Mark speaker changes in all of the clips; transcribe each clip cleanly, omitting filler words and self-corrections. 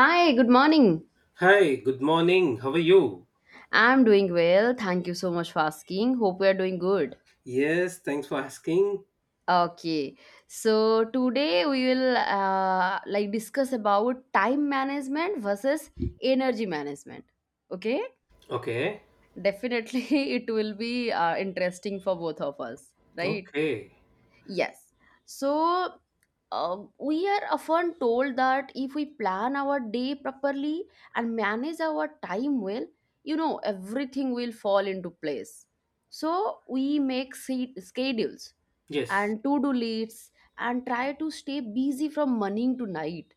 Speaker 1: Hi, good morning.
Speaker 2: Hi, good morning. How are you?
Speaker 1: I'm doing well. Thank you so much for asking. Hope we are doing good.
Speaker 2: Yes, thanks for asking.
Speaker 1: Okay. So today we will like discuss about time management versus energy management. Okay?
Speaker 2: Okay.
Speaker 1: Definitely it will be interesting for both of us, right?
Speaker 2: Okay.
Speaker 1: Yes. So we are often told that if we plan our day properly and manage our time well, everything will fall into place. So we make schedules
Speaker 2: Yes.
Speaker 1: and to do lists and try to stay busy from morning to night.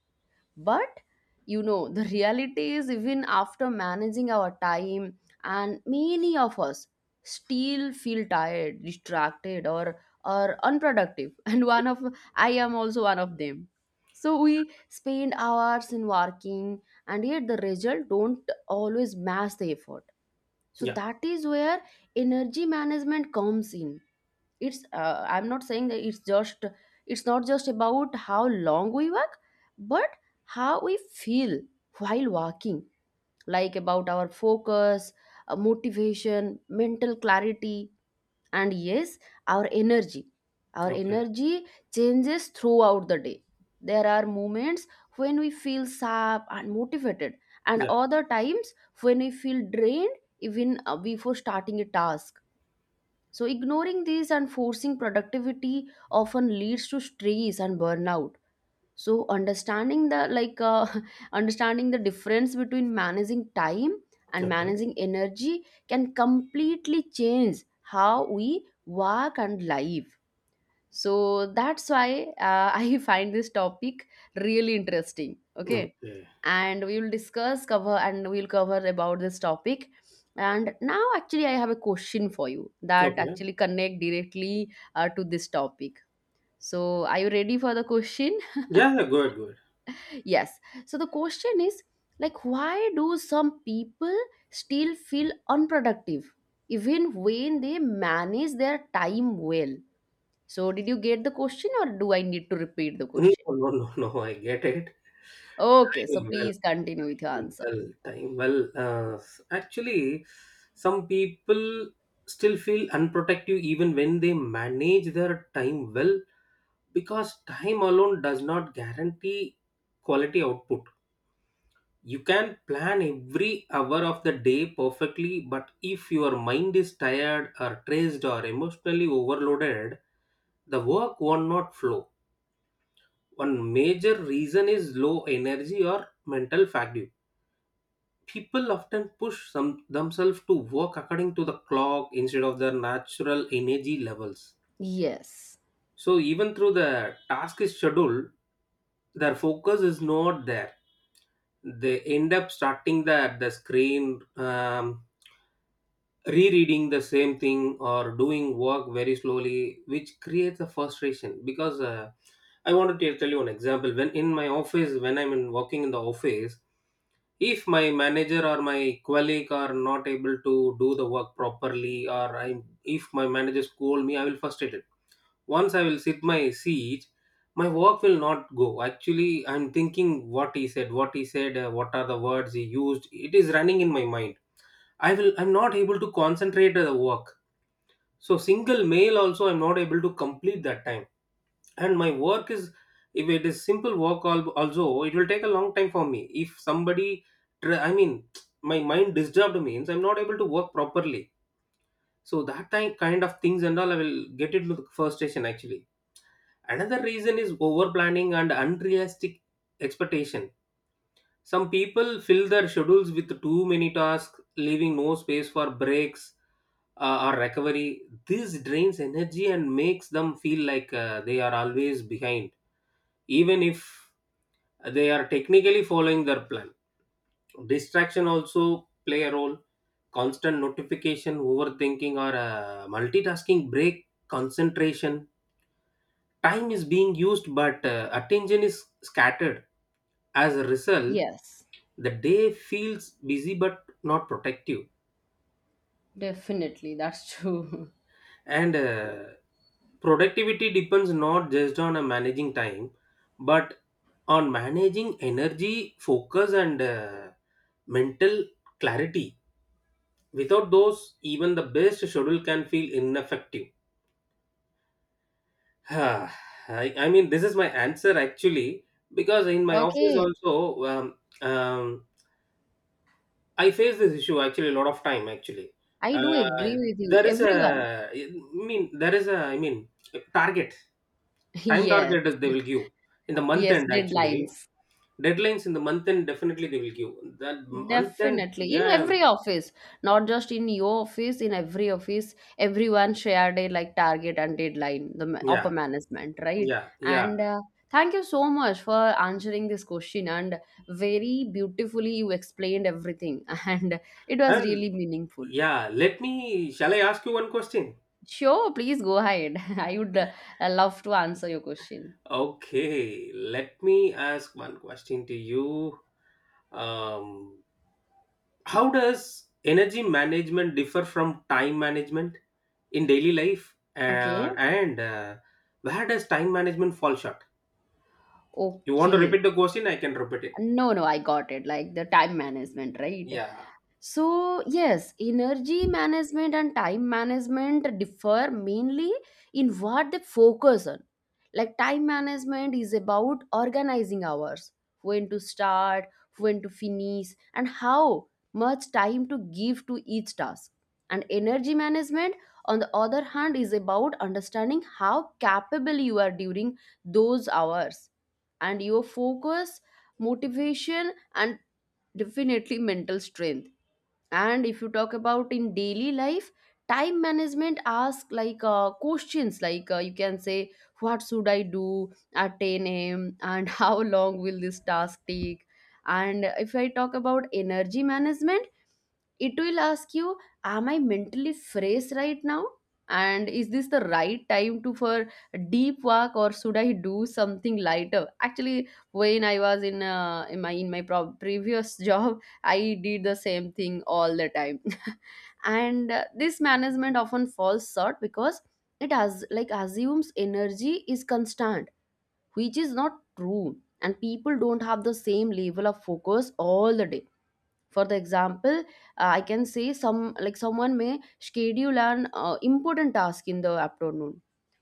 Speaker 1: But the reality is, even after managing our time, and many of us still feel tired, distracted, or unproductive. And one of I am also one of them. So we spend hours in working, and yet the result don't always match the effort. So
Speaker 2: Yeah.
Speaker 1: that is where energy management comes in. It's I'm not saying that it's just it's not just about how long we walk, but how we feel while walking, like about our focus, motivation, mental clarity, and yes, our energy our
Speaker 2: Okay.
Speaker 1: energy changes throughout the day. There are moments when we feel sharp and motivated, and
Speaker 2: Yeah.
Speaker 1: other times when we feel drained even before starting a task. So, ignoring these and forcing productivity often leads to stress and burnout. So, understanding the like understanding the difference between managing time and
Speaker 2: Okay.
Speaker 1: managing energy can completely change how we work and live. So that's why I find this topic really interesting. Okay.
Speaker 2: Okay.
Speaker 1: And we will discuss cover and we'll cover about this topic. And now actually I have a question for you that
Speaker 2: Okay.
Speaker 1: actually connect directly to this topic. So are you ready for the question?
Speaker 2: Yeah, yeah, good, good.
Speaker 1: Yes. So the question is, like, why do some people still feel unproductive even when they manage their time well? So did you get the question, or do I need to repeat the
Speaker 2: No,
Speaker 1: question?
Speaker 2: no, no, no, I get it.
Speaker 1: Okay, so
Speaker 2: Time well,
Speaker 1: please continue with your
Speaker 2: time
Speaker 1: answer.
Speaker 2: well, time well. Actually, some people still feel unprotective even when they manage their time well, because time alone does not guarantee quality output. You can plan every hour of the day perfectly, but if your mind is tired or stressed or emotionally overloaded, the work will not flow. One major reason is low energy or mental fatigue. People often themselves to work according to the clock instead of their natural energy levels.
Speaker 1: Yes.
Speaker 2: So even through the task is scheduled, their focus is not there. They end up starting the screen. Rereading the same thing or doing work very slowly, which creates a frustration, because I wanted to tell you an example. When in my office, when working in the office, if my manager or my colleague are not able to do the work properly, or I, if my manager scold me, I will frustrated. Once I will sit my seat, my work will not go. Actually, I'm thinking what he said, what are the words he used, it is running in my mind. I'm not able to concentrate at the work. So single mail also I'm not able to complete that time. And my work is, if it is simple work also, it will take a long time for me. If somebody I mean my mind disturbed means I'm not able to work properly. So that time kind of things and all, I will get it with frustration actually. Another reason is over planning and unrealistic expectation. Some people fill their schedules with too many tasks, leaving no space for breaks or recovery. This drains energy and makes them feel like they are always behind, even if they are technically following their plan. Distraction also play a role. Constant notification, overthinking, or multitasking break concentration. Time is being used, but attention is scattered. As a result,
Speaker 1: Yes.
Speaker 2: the day feels busy but not protective.
Speaker 1: Definitely, that's true.
Speaker 2: And productivity depends not just on managing time, but on managing energy, focus, and mental clarity. Without those, even the best schedule can feel ineffective. I, I mean, this is my answer actually, because in my office
Speaker 1: Okay,
Speaker 2: also, I face this issue actually a lot of time actually.
Speaker 1: I do
Speaker 2: Uh,
Speaker 1: agree with you.
Speaker 2: there is
Speaker 1: Everyone.
Speaker 2: a, I mean, there is a, I mean, target. Time
Speaker 1: Yes.
Speaker 2: target is they will give in the month
Speaker 1: Yes,
Speaker 2: end actually.
Speaker 1: deadlines.
Speaker 2: Deadlines in the month end, definitely they will give. That month end,
Speaker 1: Definitely. In every office, not just in your office, in every office, everyone shared a like target and deadline, the upper
Speaker 2: yeah,
Speaker 1: management, right?
Speaker 2: yeah.
Speaker 1: And thank you so much for answering this question. And very beautifully, you explained everything, and it was
Speaker 2: And
Speaker 1: really meaningful.
Speaker 2: yeah, let me, shall I ask you one question?
Speaker 1: Sure, please go ahead. I would love to answer your question.
Speaker 2: Okay, let me ask one question to you. Um, how does energy management differ from time management in daily life?
Speaker 1: Okay.
Speaker 2: And Where does time management fall short? You want to repeat
Speaker 1: Okay.
Speaker 2: the question? I can repeat it.
Speaker 1: No, no, I got it. Like the time management, right?
Speaker 2: Yeah.
Speaker 1: So, yes, energy management and time management differ mainly in what they focus on. Like, time management is about organizing hours, when to start, when to finish, and how much time to give to each task. And energy management, on the other hand, is about understanding how capable you are during those hours, and your focus, motivation, and definitely mental strength. And if you talk about in daily life, time management ask questions like, you can say, what should I do at 10 a.m., and how long will this task take? And if I talk about energy management, it will ask you, am I mentally fresh right now, and is this the right time to for deep work, or should I do something lighter? Actually when I was in my previous job, I did the same thing all the time. And this management often falls short because it has like assumes energy is constant, which is not true. And people don't have the same level of focus all the day. For the example, I can say someone may schedule an important task in the afternoon,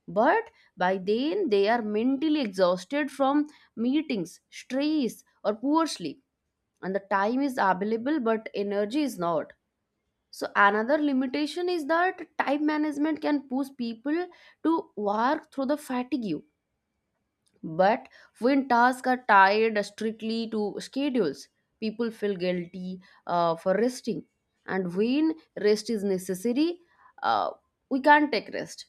Speaker 1: but by then they are mentally exhausted from meetings, stress, or poor sleep. And the time is available, but energy is not. So another limitation is that time management can push people to work through the fatigue. But when tasks are tied strictly to schedules, people feel guilty for resting, and when rest is necessary, uh, we can't take rest,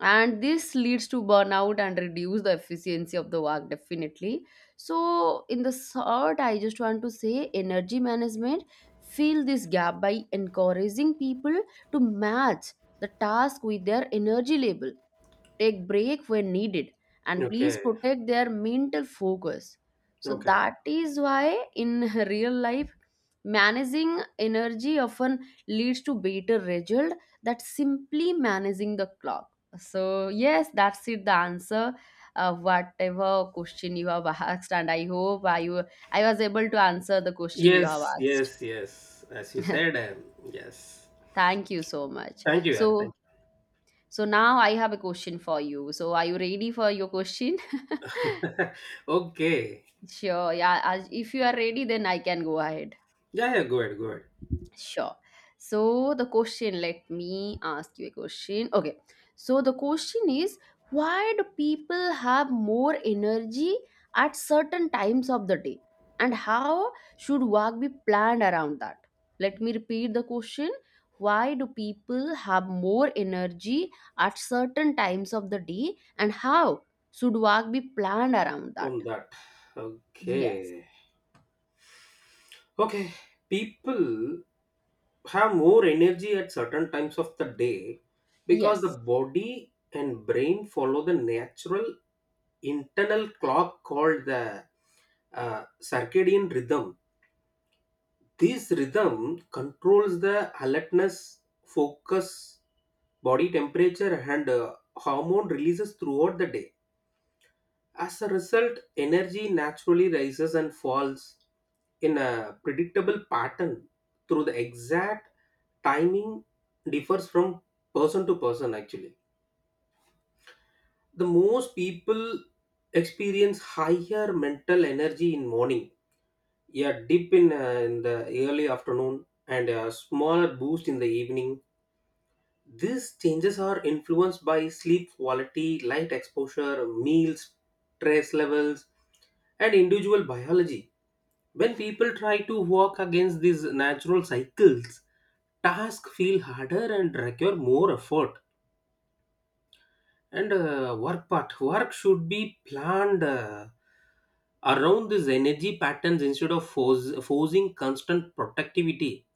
Speaker 1: and this leads to burnout and reduce the efficiency of the work, definitely. So in the short, I just want to say energy management fill this gap by encouraging people to match the task with their energy level, take break when needed, and please
Speaker 2: Okay.
Speaker 1: protect their mental focus. So
Speaker 2: Okay.
Speaker 1: that is why in real life, managing energy often leads to better result that simply managing the clock. So yes, that's it, the answer, whatever question you have asked, and I hope I was able to answer the question you
Speaker 2: Yes,
Speaker 1: have asked.
Speaker 2: yes, yes. As you said, yes.
Speaker 1: Thank you so much.
Speaker 2: Thank you, yeah.
Speaker 1: so
Speaker 2: Thank
Speaker 1: so now I have a question for you, so are you ready for your question?
Speaker 2: you. Okay.
Speaker 1: Sure, yeah. If you are ready, then I can go ahead.
Speaker 2: Yeah, yeah, go ahead, go ahead.
Speaker 1: Sure. So the question, let me ask you a question. Okay. So the question is, why do people have more energy at certain times of the day? And how should work be planned around that? Let me repeat the question. Why do people have more energy at certain times of the day? And how should work be planned around that?
Speaker 2: From that.
Speaker 1: Yes.
Speaker 2: Okay. Okay. People have more energy at certain times of the day because the
Speaker 1: Yes.
Speaker 2: body and brain follow the natural internal clock called the circadian rhythm. This rhythm controls the alertness, focus, body temperature, and hormone releases throughout the day. As a result, energy naturally rises and falls in a predictable pattern, through the exact timing differs from person to person actually. The most people experience higher mental energy in morning. A dip in the early afternoon, and a smaller boost in the evening. These changes are influenced by sleep quality, light exposure, meals, stress levels, and individual biology. When people try to work against these natural cycles, tasks feel harder and require more effort. And work part, work should be planned around these energy patterns instead of forcing constant productivity.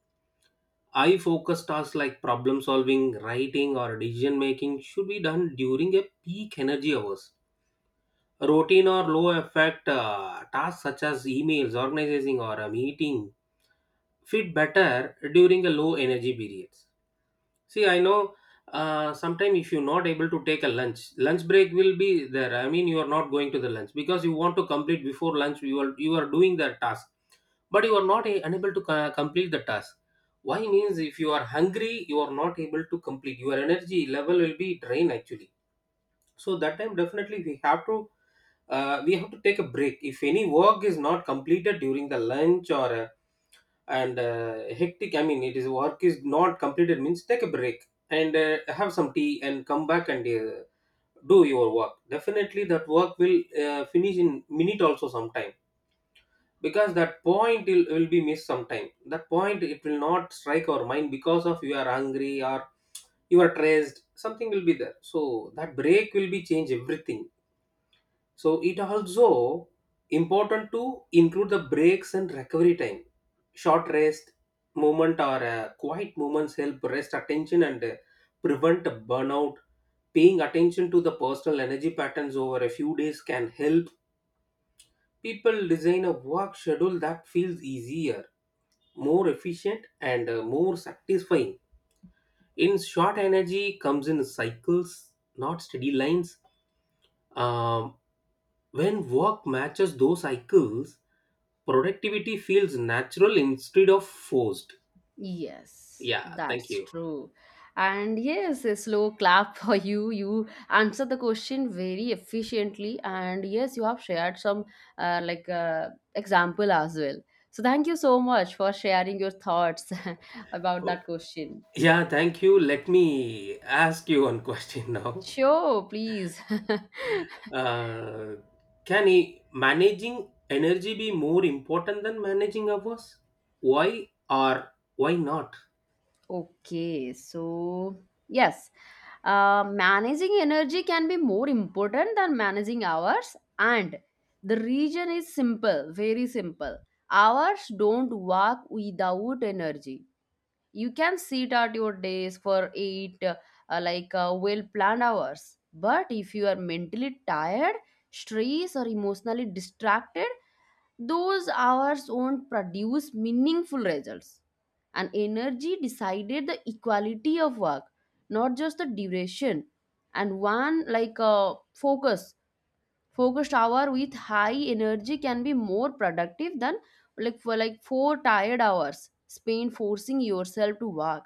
Speaker 2: I focused tasks like problem solving, writing, or decision making should be done during a peak energy hours. Routine or low effect tasks such as emails, organizing, or a meeting fit better during a low energy periods. See, I know sometimes if you're not able to take a lunch, lunch break will be there. I mean, you are not going to the lunch because you want to complete before lunch. You are doing that task, but you are not a- unable to complete the task. Why means, if you are hungry, you are not able to complete, your energy level will be drained actually. So that time definitely we have to, we have to take a break. If any work is not completed during the lunch, or and hectic, I mean, it is, work is not completed means, take a break and have some tea and come back, and do your work. Definitely that work will finish in minute also sometime, because that point will be missed sometime. That point, it will not strike our mind because of, you are hungry or you are stressed, something will be there. So that break will be change everything. So it also important to include the breaks and recovery time. Short rest, movement, or quiet movements help rest attention and prevent a burnout. Paying attention to the personal energy patterns over a few days can help people design a work schedule that feels easier, more efficient, and more satisfying. In short, energy comes in cycles, not steady lines. Um, when work matches those cycles, productivity feels natural instead of forced.
Speaker 1: Yes,
Speaker 2: Yeah, thank
Speaker 1: that's
Speaker 2: you.
Speaker 1: true. And yes, a slow clap for you. You answered the question very efficiently. And yes, you have shared some example as well. So thank you so much for sharing your thoughts about
Speaker 2: Oh,
Speaker 1: that question.
Speaker 2: yeah, thank you. Let me ask you one question now.
Speaker 1: Sure, please.
Speaker 2: Uh, can managing energy be more important than managing hours? Why or why not?
Speaker 1: Okay, so yes, managing energy can be more important than managing hours, and the reason is simple, very simple. Hours don't work without energy. You can sit at your desk for eight, well planned hours, but if you are mentally tired, stressed, or emotionally distracted, those hours won't produce meaningful results. And energy decided the equality of work, not just the duration. And one focused hour with high energy can be more productive than like for like four tired hours spent forcing yourself to work.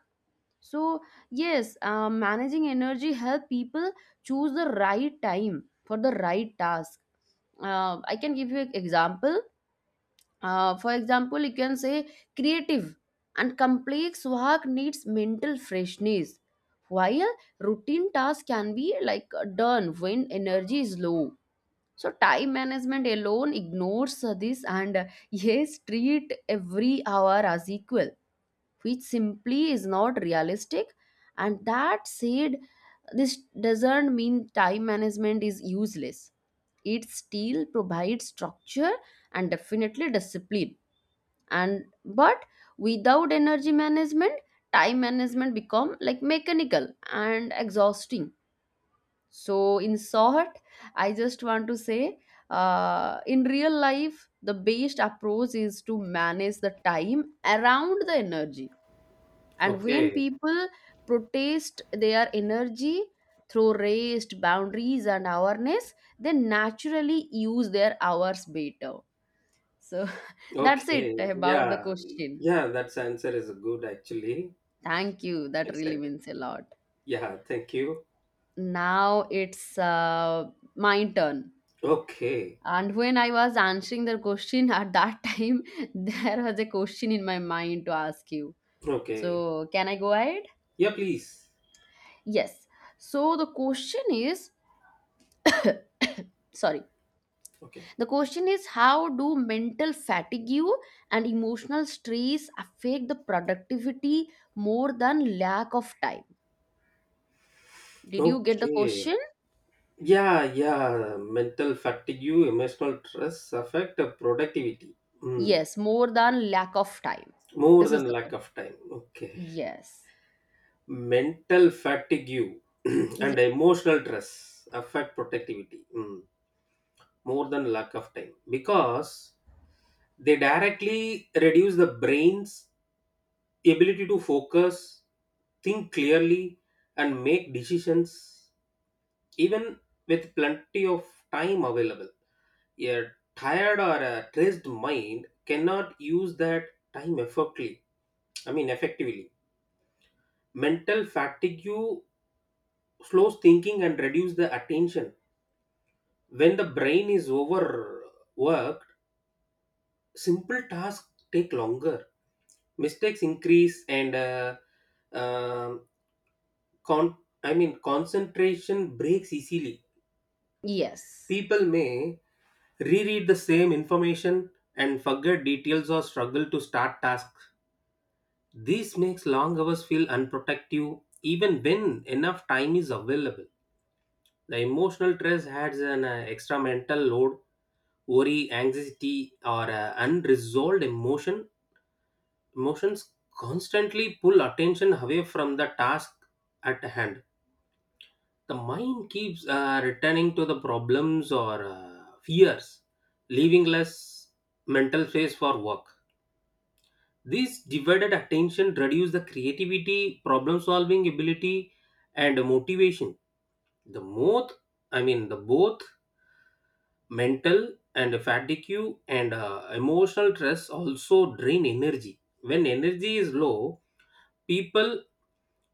Speaker 1: So yes, managing energy help people choose the right time for the right task. I can give you an example. For example, you can say, creative and complex work needs mental freshness, while routine tasks can be done when energy is low. So time management alone ignores this, and yes, treat every hour as equal, which simply is not realistic. And that said, this doesn't mean time management is useless. It still provides structure and definitely discipline, and but without energy management, time management become like mechanical and exhausting. So in short, I just want to say, in real life, the best approach is to manage the time around the energy. And when
Speaker 2: Okay.
Speaker 1: people protest their energy through rest, boundaries, and awareness, they naturally use their hours better. So that's it
Speaker 2: Okay.
Speaker 1: about the
Speaker 2: Yeah.
Speaker 1: question.
Speaker 2: Yeah, that's answer is good actually.
Speaker 1: Thank you. That
Speaker 2: He
Speaker 1: really
Speaker 2: said,
Speaker 1: means a lot.
Speaker 2: yeah, thank you.
Speaker 1: Now it's my turn.
Speaker 2: Okay.
Speaker 1: And when I was answering the question at that time, there was a question in my mind to ask you.
Speaker 2: Okay.
Speaker 1: So, can I go ahead?
Speaker 2: Yeah, please.
Speaker 1: Yes. So, the question is sorry.
Speaker 2: Okay.
Speaker 1: The question is, how do mental fatigue and emotional stress affect the productivity more than lack of time? Did you get the
Speaker 2: Okay.
Speaker 1: question?
Speaker 2: Yeah, yeah. Mental fatigue, emotional stress affect the productivity. Mm.
Speaker 1: Yes, more than lack of time.
Speaker 2: More
Speaker 1: This is
Speaker 2: than
Speaker 1: the
Speaker 2: lack
Speaker 1: question.
Speaker 2: of time. Okay.
Speaker 1: Yes.
Speaker 2: Mental fatigue
Speaker 1: Ye-
Speaker 2: and emotional stress affect productivity. Mm. More than lack of time. Because they directly reduce the brain's ability to focus, think clearly, and make decisions, even with plenty of time available. A tired or a stressed mind cannot use that time effectively. I mean, effectively. Mental fatigue slows thinking and reduces the attention. When the brain is overworked, simple tasks take longer, mistakes increase, and um, con- I mean concentration breaks easily.
Speaker 1: Yes.
Speaker 2: People may reread the same information and forget details, or struggle to start tasks. This makes long hours feel unprotective even when enough time is available. The emotional stress adds an extra mental load, worry, anxiety, or unresolved emotion. Emotions constantly pull attention away from the task at hand. The mind keeps returning to the problems or fears, leaving less mental space for work. This divided attention reduces the creativity, problem solving ability, and motivation. The both, the both mental and fatigue and emotional stress also drain energy. When energy is low, people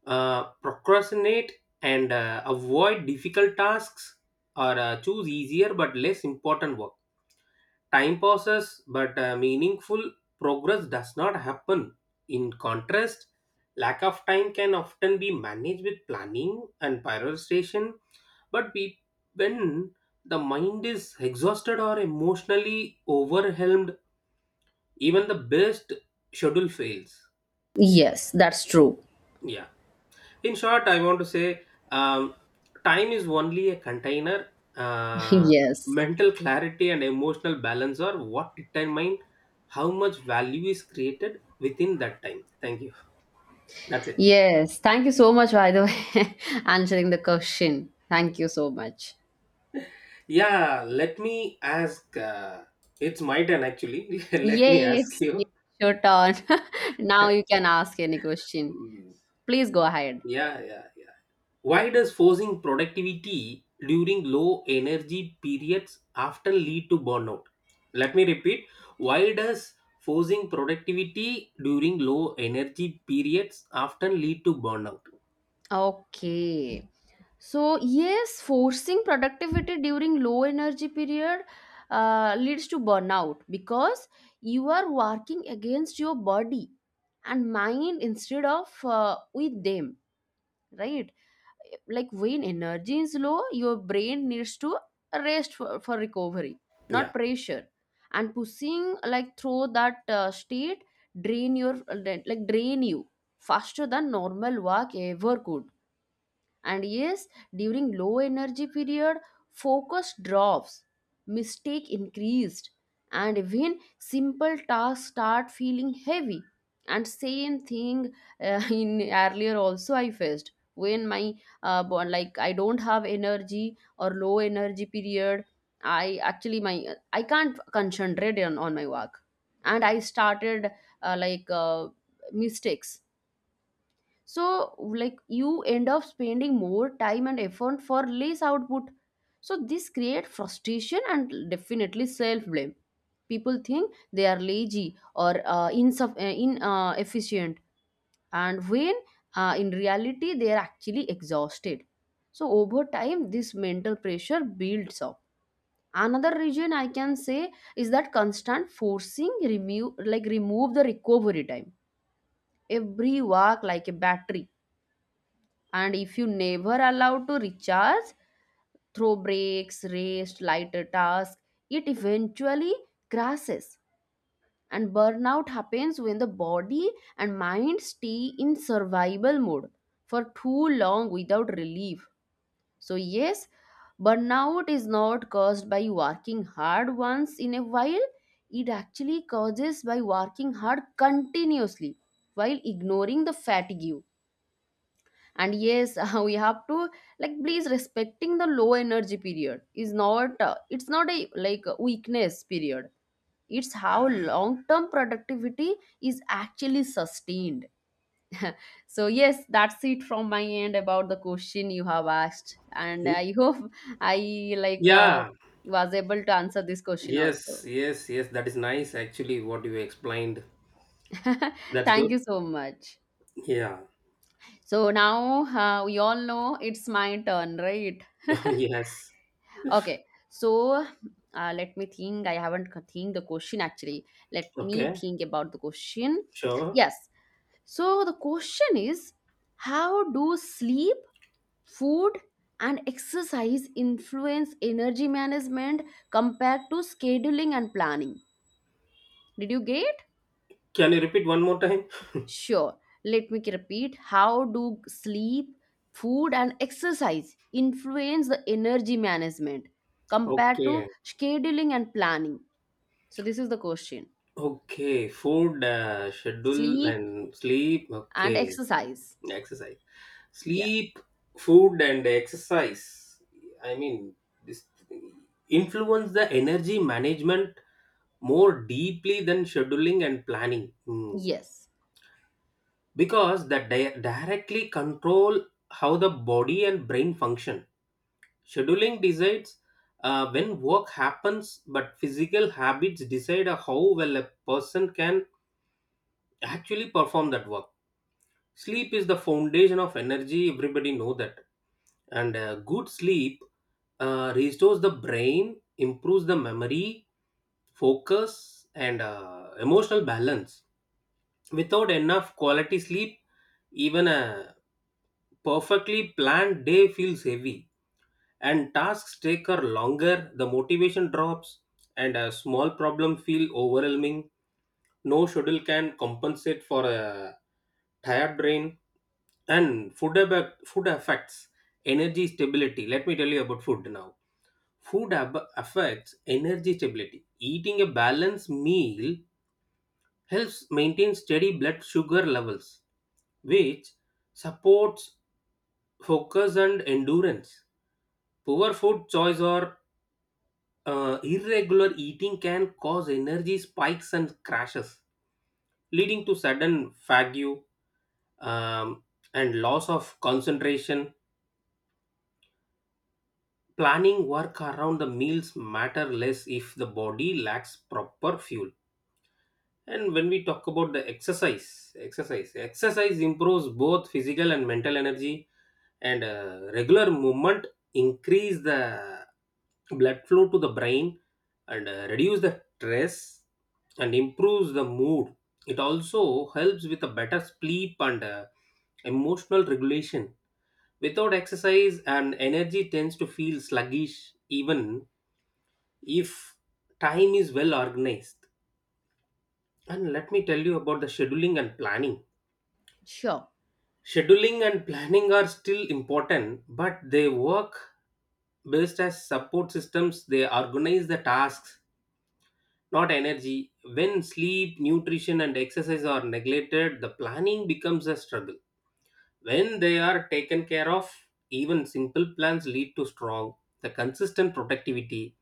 Speaker 2: procrastinate and avoid difficult tasks, or choose easier but less important work. Time passes, but meaningful progress does not happen. In contrast, lack of time can often be managed with planning and prioritization, but we, when the mind is exhausted or emotionally overwhelmed, even the best schedule fails.
Speaker 1: Yes, that's true.
Speaker 2: Yeah. In short, I want to say, um, time is only a container. Uh,
Speaker 1: Yes.
Speaker 2: Mental clarity and emotional balance are what determine how much value is created within that time. Thank you. That's it.
Speaker 1: Yes. Thank you so much, by the way, answering the question. Thank you so much.
Speaker 2: Yeah, let me ask. It's my turn actually. Let me ask
Speaker 1: Yes, yes,
Speaker 2: you.
Speaker 1: your turn. Now you can ask any question.
Speaker 2: Mm,
Speaker 1: Please go ahead.
Speaker 2: yeah, yeah. yeah. Why does forcing productivity during low energy periods often lead to burnout? Let me repeat. Why does forcing productivity during low energy periods often lead to burnout?
Speaker 1: Okay. So, yes, forcing productivity during low energy period leads to burnout because you are working against your body and mind instead of with them, right? Like when energy is low, your brain needs to rest for recovery, not
Speaker 2: Yeah.
Speaker 1: pressure. And pushing like through that state drain your drain you faster than normal work ever could. And yes, during low energy period, focus drops, mistake increased, and even simple tasks start feeling heavy. And same thing in earlier also I faced when my I don't have energy or low energy period. I actually my I can't concentrate on my work, and I started uh, like uh, mistakes. So like you end up spending more time and effort for less output. So this create frustration and definitely self blame. People think they are lazy or inefficient, and when in reality they are actually exhausted. So over time this mental pressure builds up. Another reason I can say is that constant forcing remove the recovery time. Every work like a battery, and if you never allow to recharge, through breaks, rest, lighter tasks, it eventually crashes. And burnout happens when the body and mind stay in survival mode for too long without relief. So, yes, burnout is not caused by working hard once in a while, it actually causes by working hard continuously while ignoring the fatigue and yes we have to like please respecting the low energy period is not it's not a like a weakness period, it's how long term productivity is actually sustained. So yes, that's it from my end about the question you have asked, and
Speaker 2: Mm,
Speaker 1: I hope I like
Speaker 2: Yeah.
Speaker 1: was able to answer this question
Speaker 2: Yes.
Speaker 1: also.
Speaker 2: Yes. Yes. That is nice, actually, what you explained. That's
Speaker 1: Thank
Speaker 2: good.
Speaker 1: you so much.
Speaker 2: Yeah.
Speaker 1: So now, we all know it's my turn, right?
Speaker 2: Yes.
Speaker 1: Okay, so let me think. I haven't think the question actually. Let me
Speaker 2: Okay.
Speaker 1: think about the question.
Speaker 2: Sure.
Speaker 1: Yes. So the question is, how do sleep, food, and exercise influence energy management compared to scheduling and planning? Did you get?
Speaker 2: Can you repeat one more time?
Speaker 1: Sure. Let me repeat. How do sleep, food, and exercise influence the energy management compared to
Speaker 2: Okay.
Speaker 1: scheduling and planning? So this is the question.
Speaker 2: Okay. Food, schedule,
Speaker 1: Sleep
Speaker 2: and sleep.
Speaker 1: and
Speaker 2: Okay.
Speaker 1: exercise.
Speaker 2: exercise
Speaker 1: Yes.
Speaker 2: sleep Food and exercise, I mean, this influence the energy management more deeply than scheduling and planning. Hmm.
Speaker 1: Yes.
Speaker 2: Because that directly control how the body and brain function. Scheduling decides when work happens, but physical habits decide how well a person can actually perform that work. Sleep is the foundation of energy, everybody know that. And good sleep restores the brain, improves the memory, focus, and emotional balance. Without enough quality sleep, even a perfectly planned day feels heavy, and tasks take her longer, the motivation drops, and a small problem feel overwhelming. No schedule can compensate for a tired brain. And food affects energy stability. Let me tell you about food now. Food affects energy stability. Eating a balanced meal helps maintain steady blood sugar levels, which supports focus and endurance. Poor food choice or irregular eating can cause energy spikes and crashes, leading to sudden fatigue um, and loss of concentration. Planning work around the meals matter less if the body lacks proper fuel. And when we talk about the exercise improves both physical and mental energy, and regular movement increase the blood flow to the brain, and reduce the stress and improves the mood. It also helps with a better sleep and emotional regulation. Without exercise, and energy tends to feel sluggish, even if time is well organized. And let me tell you about the scheduling and planning.
Speaker 1: Sure.
Speaker 2: Scheduling and planning are still important, but they work best as support systems. They organize the tasks, not energy. When sleep, nutrition, and exercise are neglected, the planning becomes a struggle. When they are taken care of, even simple plans lead to strong, the consistent productivity.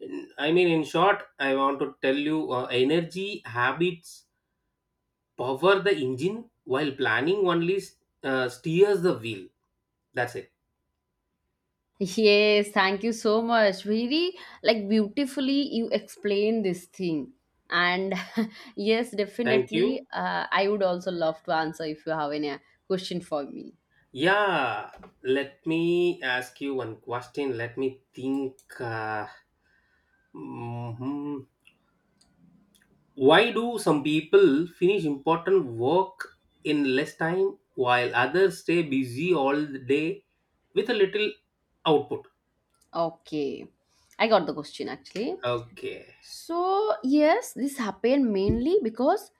Speaker 2: In short, I want to tell you, energy, habits, power the engine, while planning only steers the wheel. That's it.
Speaker 1: Yes, thank you so much. Very like beautifully you explain this thing. And yes,
Speaker 2: Thank you.
Speaker 1: definitely, I would also love to answer if you have any question for me.
Speaker 2: Yeah, let me ask you one question. Let me think. Mhm. Why do some people finish important work in less time while others stay busy all the day with a little output?
Speaker 1: Okay. I got the question actually.
Speaker 2: Okay.
Speaker 1: So, yes, this happened mainly because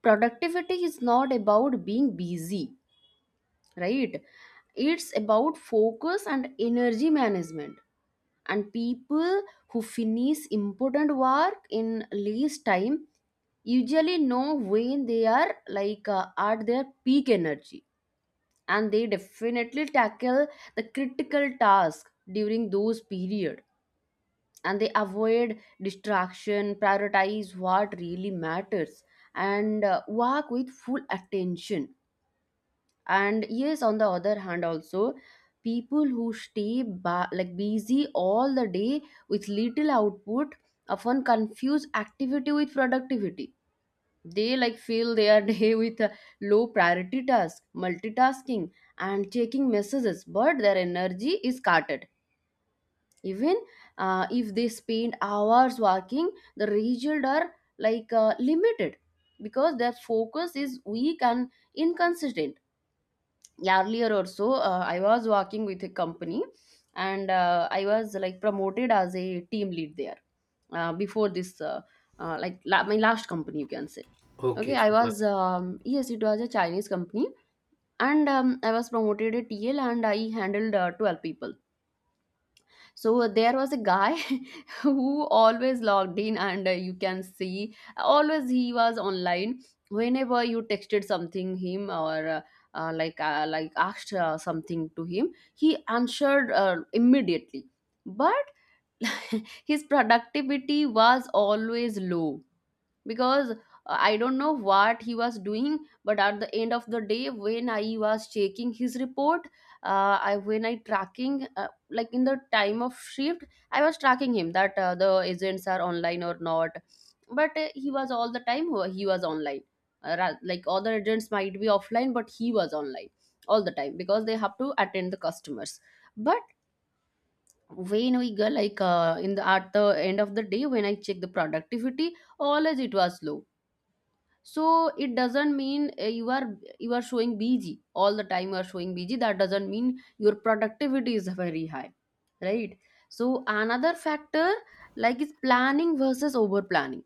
Speaker 1: productivity is not about being busy, right? It's about focus and energy management, and people who finish important work in least time usually know when they are like at their peak energy, and they definitely tackle the critical task during those period, and they avoid distraction, prioritize what really matters, and work with full attention. And yes, on the other hand also, people who stay like busy all the day with little output often confuse activity with productivity. They like fill their day with a low priority task, multitasking, and checking messages, but their energy is cutted. Even if they spend hours working, the results are like limited because their focus is weak and inconsistent. Earlier or so, I was working with a company, and I was like promoted as a team lead there. Before this, like my last company, you can say.
Speaker 2: Okay,
Speaker 1: Okay, I
Speaker 2: super.
Speaker 1: was yes, it was a Chinese company, and I was promoted a TL and I handled 12 people. So there was a guy who always logged in, and you can see, always he was online. Whenever you texted something him or like asked something to him, he answered immediately, but his productivity was always low because I don't know what he was doing. But at the end of the day when I was checking his report, I when I tracking like in the time of shift, I was tracking him that the agents are online or not. But he was all the time he was online. Like other agents might be offline, but he was online all the time because they have to attend the customers. But when we go like in the at the end of the day when I check the productivity, always it was low. So it doesn't mean you are showing busy all the time, you are showing busy, that doesn't mean your productivity is very high, right? So another factor like is planning versus over planning.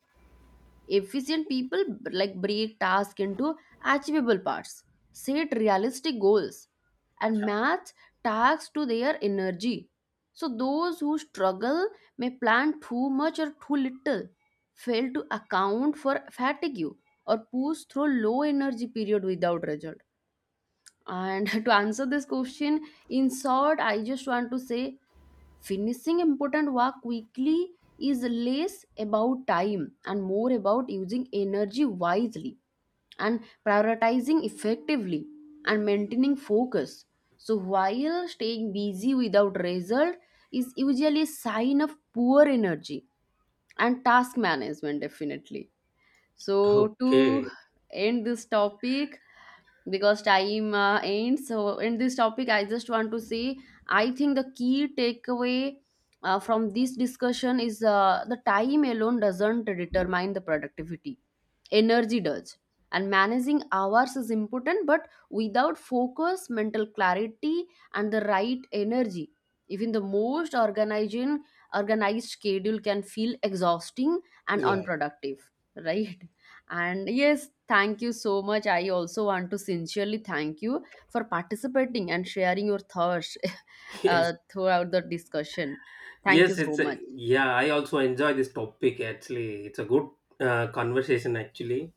Speaker 1: Efficient people like break tasks into achievable parts, set realistic goals, and match tasks to their energy. So those who struggle may plan too much or too little, fail to account for fatigue, or push through low energy period without result. And to answer this question, in short, I just want to say, finishing important work quickly is less about time and more about using energy wisely and prioritizing effectively and maintaining focus. So, while staying busy without result is usually a sign of poor energy and task management, definitely. So, to
Speaker 2: Okay.
Speaker 1: end this topic, because time ends, so in this topic I just want to say, I think the key takeaway from this discussion is the time alone doesn't determine the productivity, energy does. And managing hours is important but without focus, mental clarity, and the right energy, even the most organizing organized schedule can feel exhausting and
Speaker 2: Yeah.
Speaker 1: unproductive. Right? And yes, thank you so much. I also want to sincerely thank you for participating and sharing your thoughts
Speaker 2: Yes.
Speaker 1: throughout the discussion. Thank you
Speaker 2: Yes,
Speaker 1: so
Speaker 2: it's a,
Speaker 1: much.
Speaker 2: yeah, I also enjoy this topic actually. It's a good conversation actually.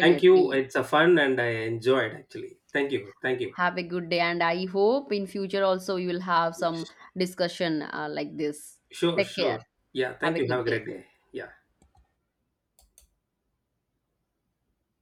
Speaker 2: Thank you. It's a fun and I enjoyed actually. Thank you. Thank you.
Speaker 1: Have a good day, and I hope in future also you will have some
Speaker 2: Sh-
Speaker 1: discussion like this.
Speaker 2: Sure,
Speaker 1: Take
Speaker 2: sure.
Speaker 1: care.
Speaker 2: Yeah,
Speaker 1: Have
Speaker 2: thank
Speaker 1: a
Speaker 2: you. Have a
Speaker 1: good
Speaker 2: great
Speaker 1: day.
Speaker 2: day. Yeah.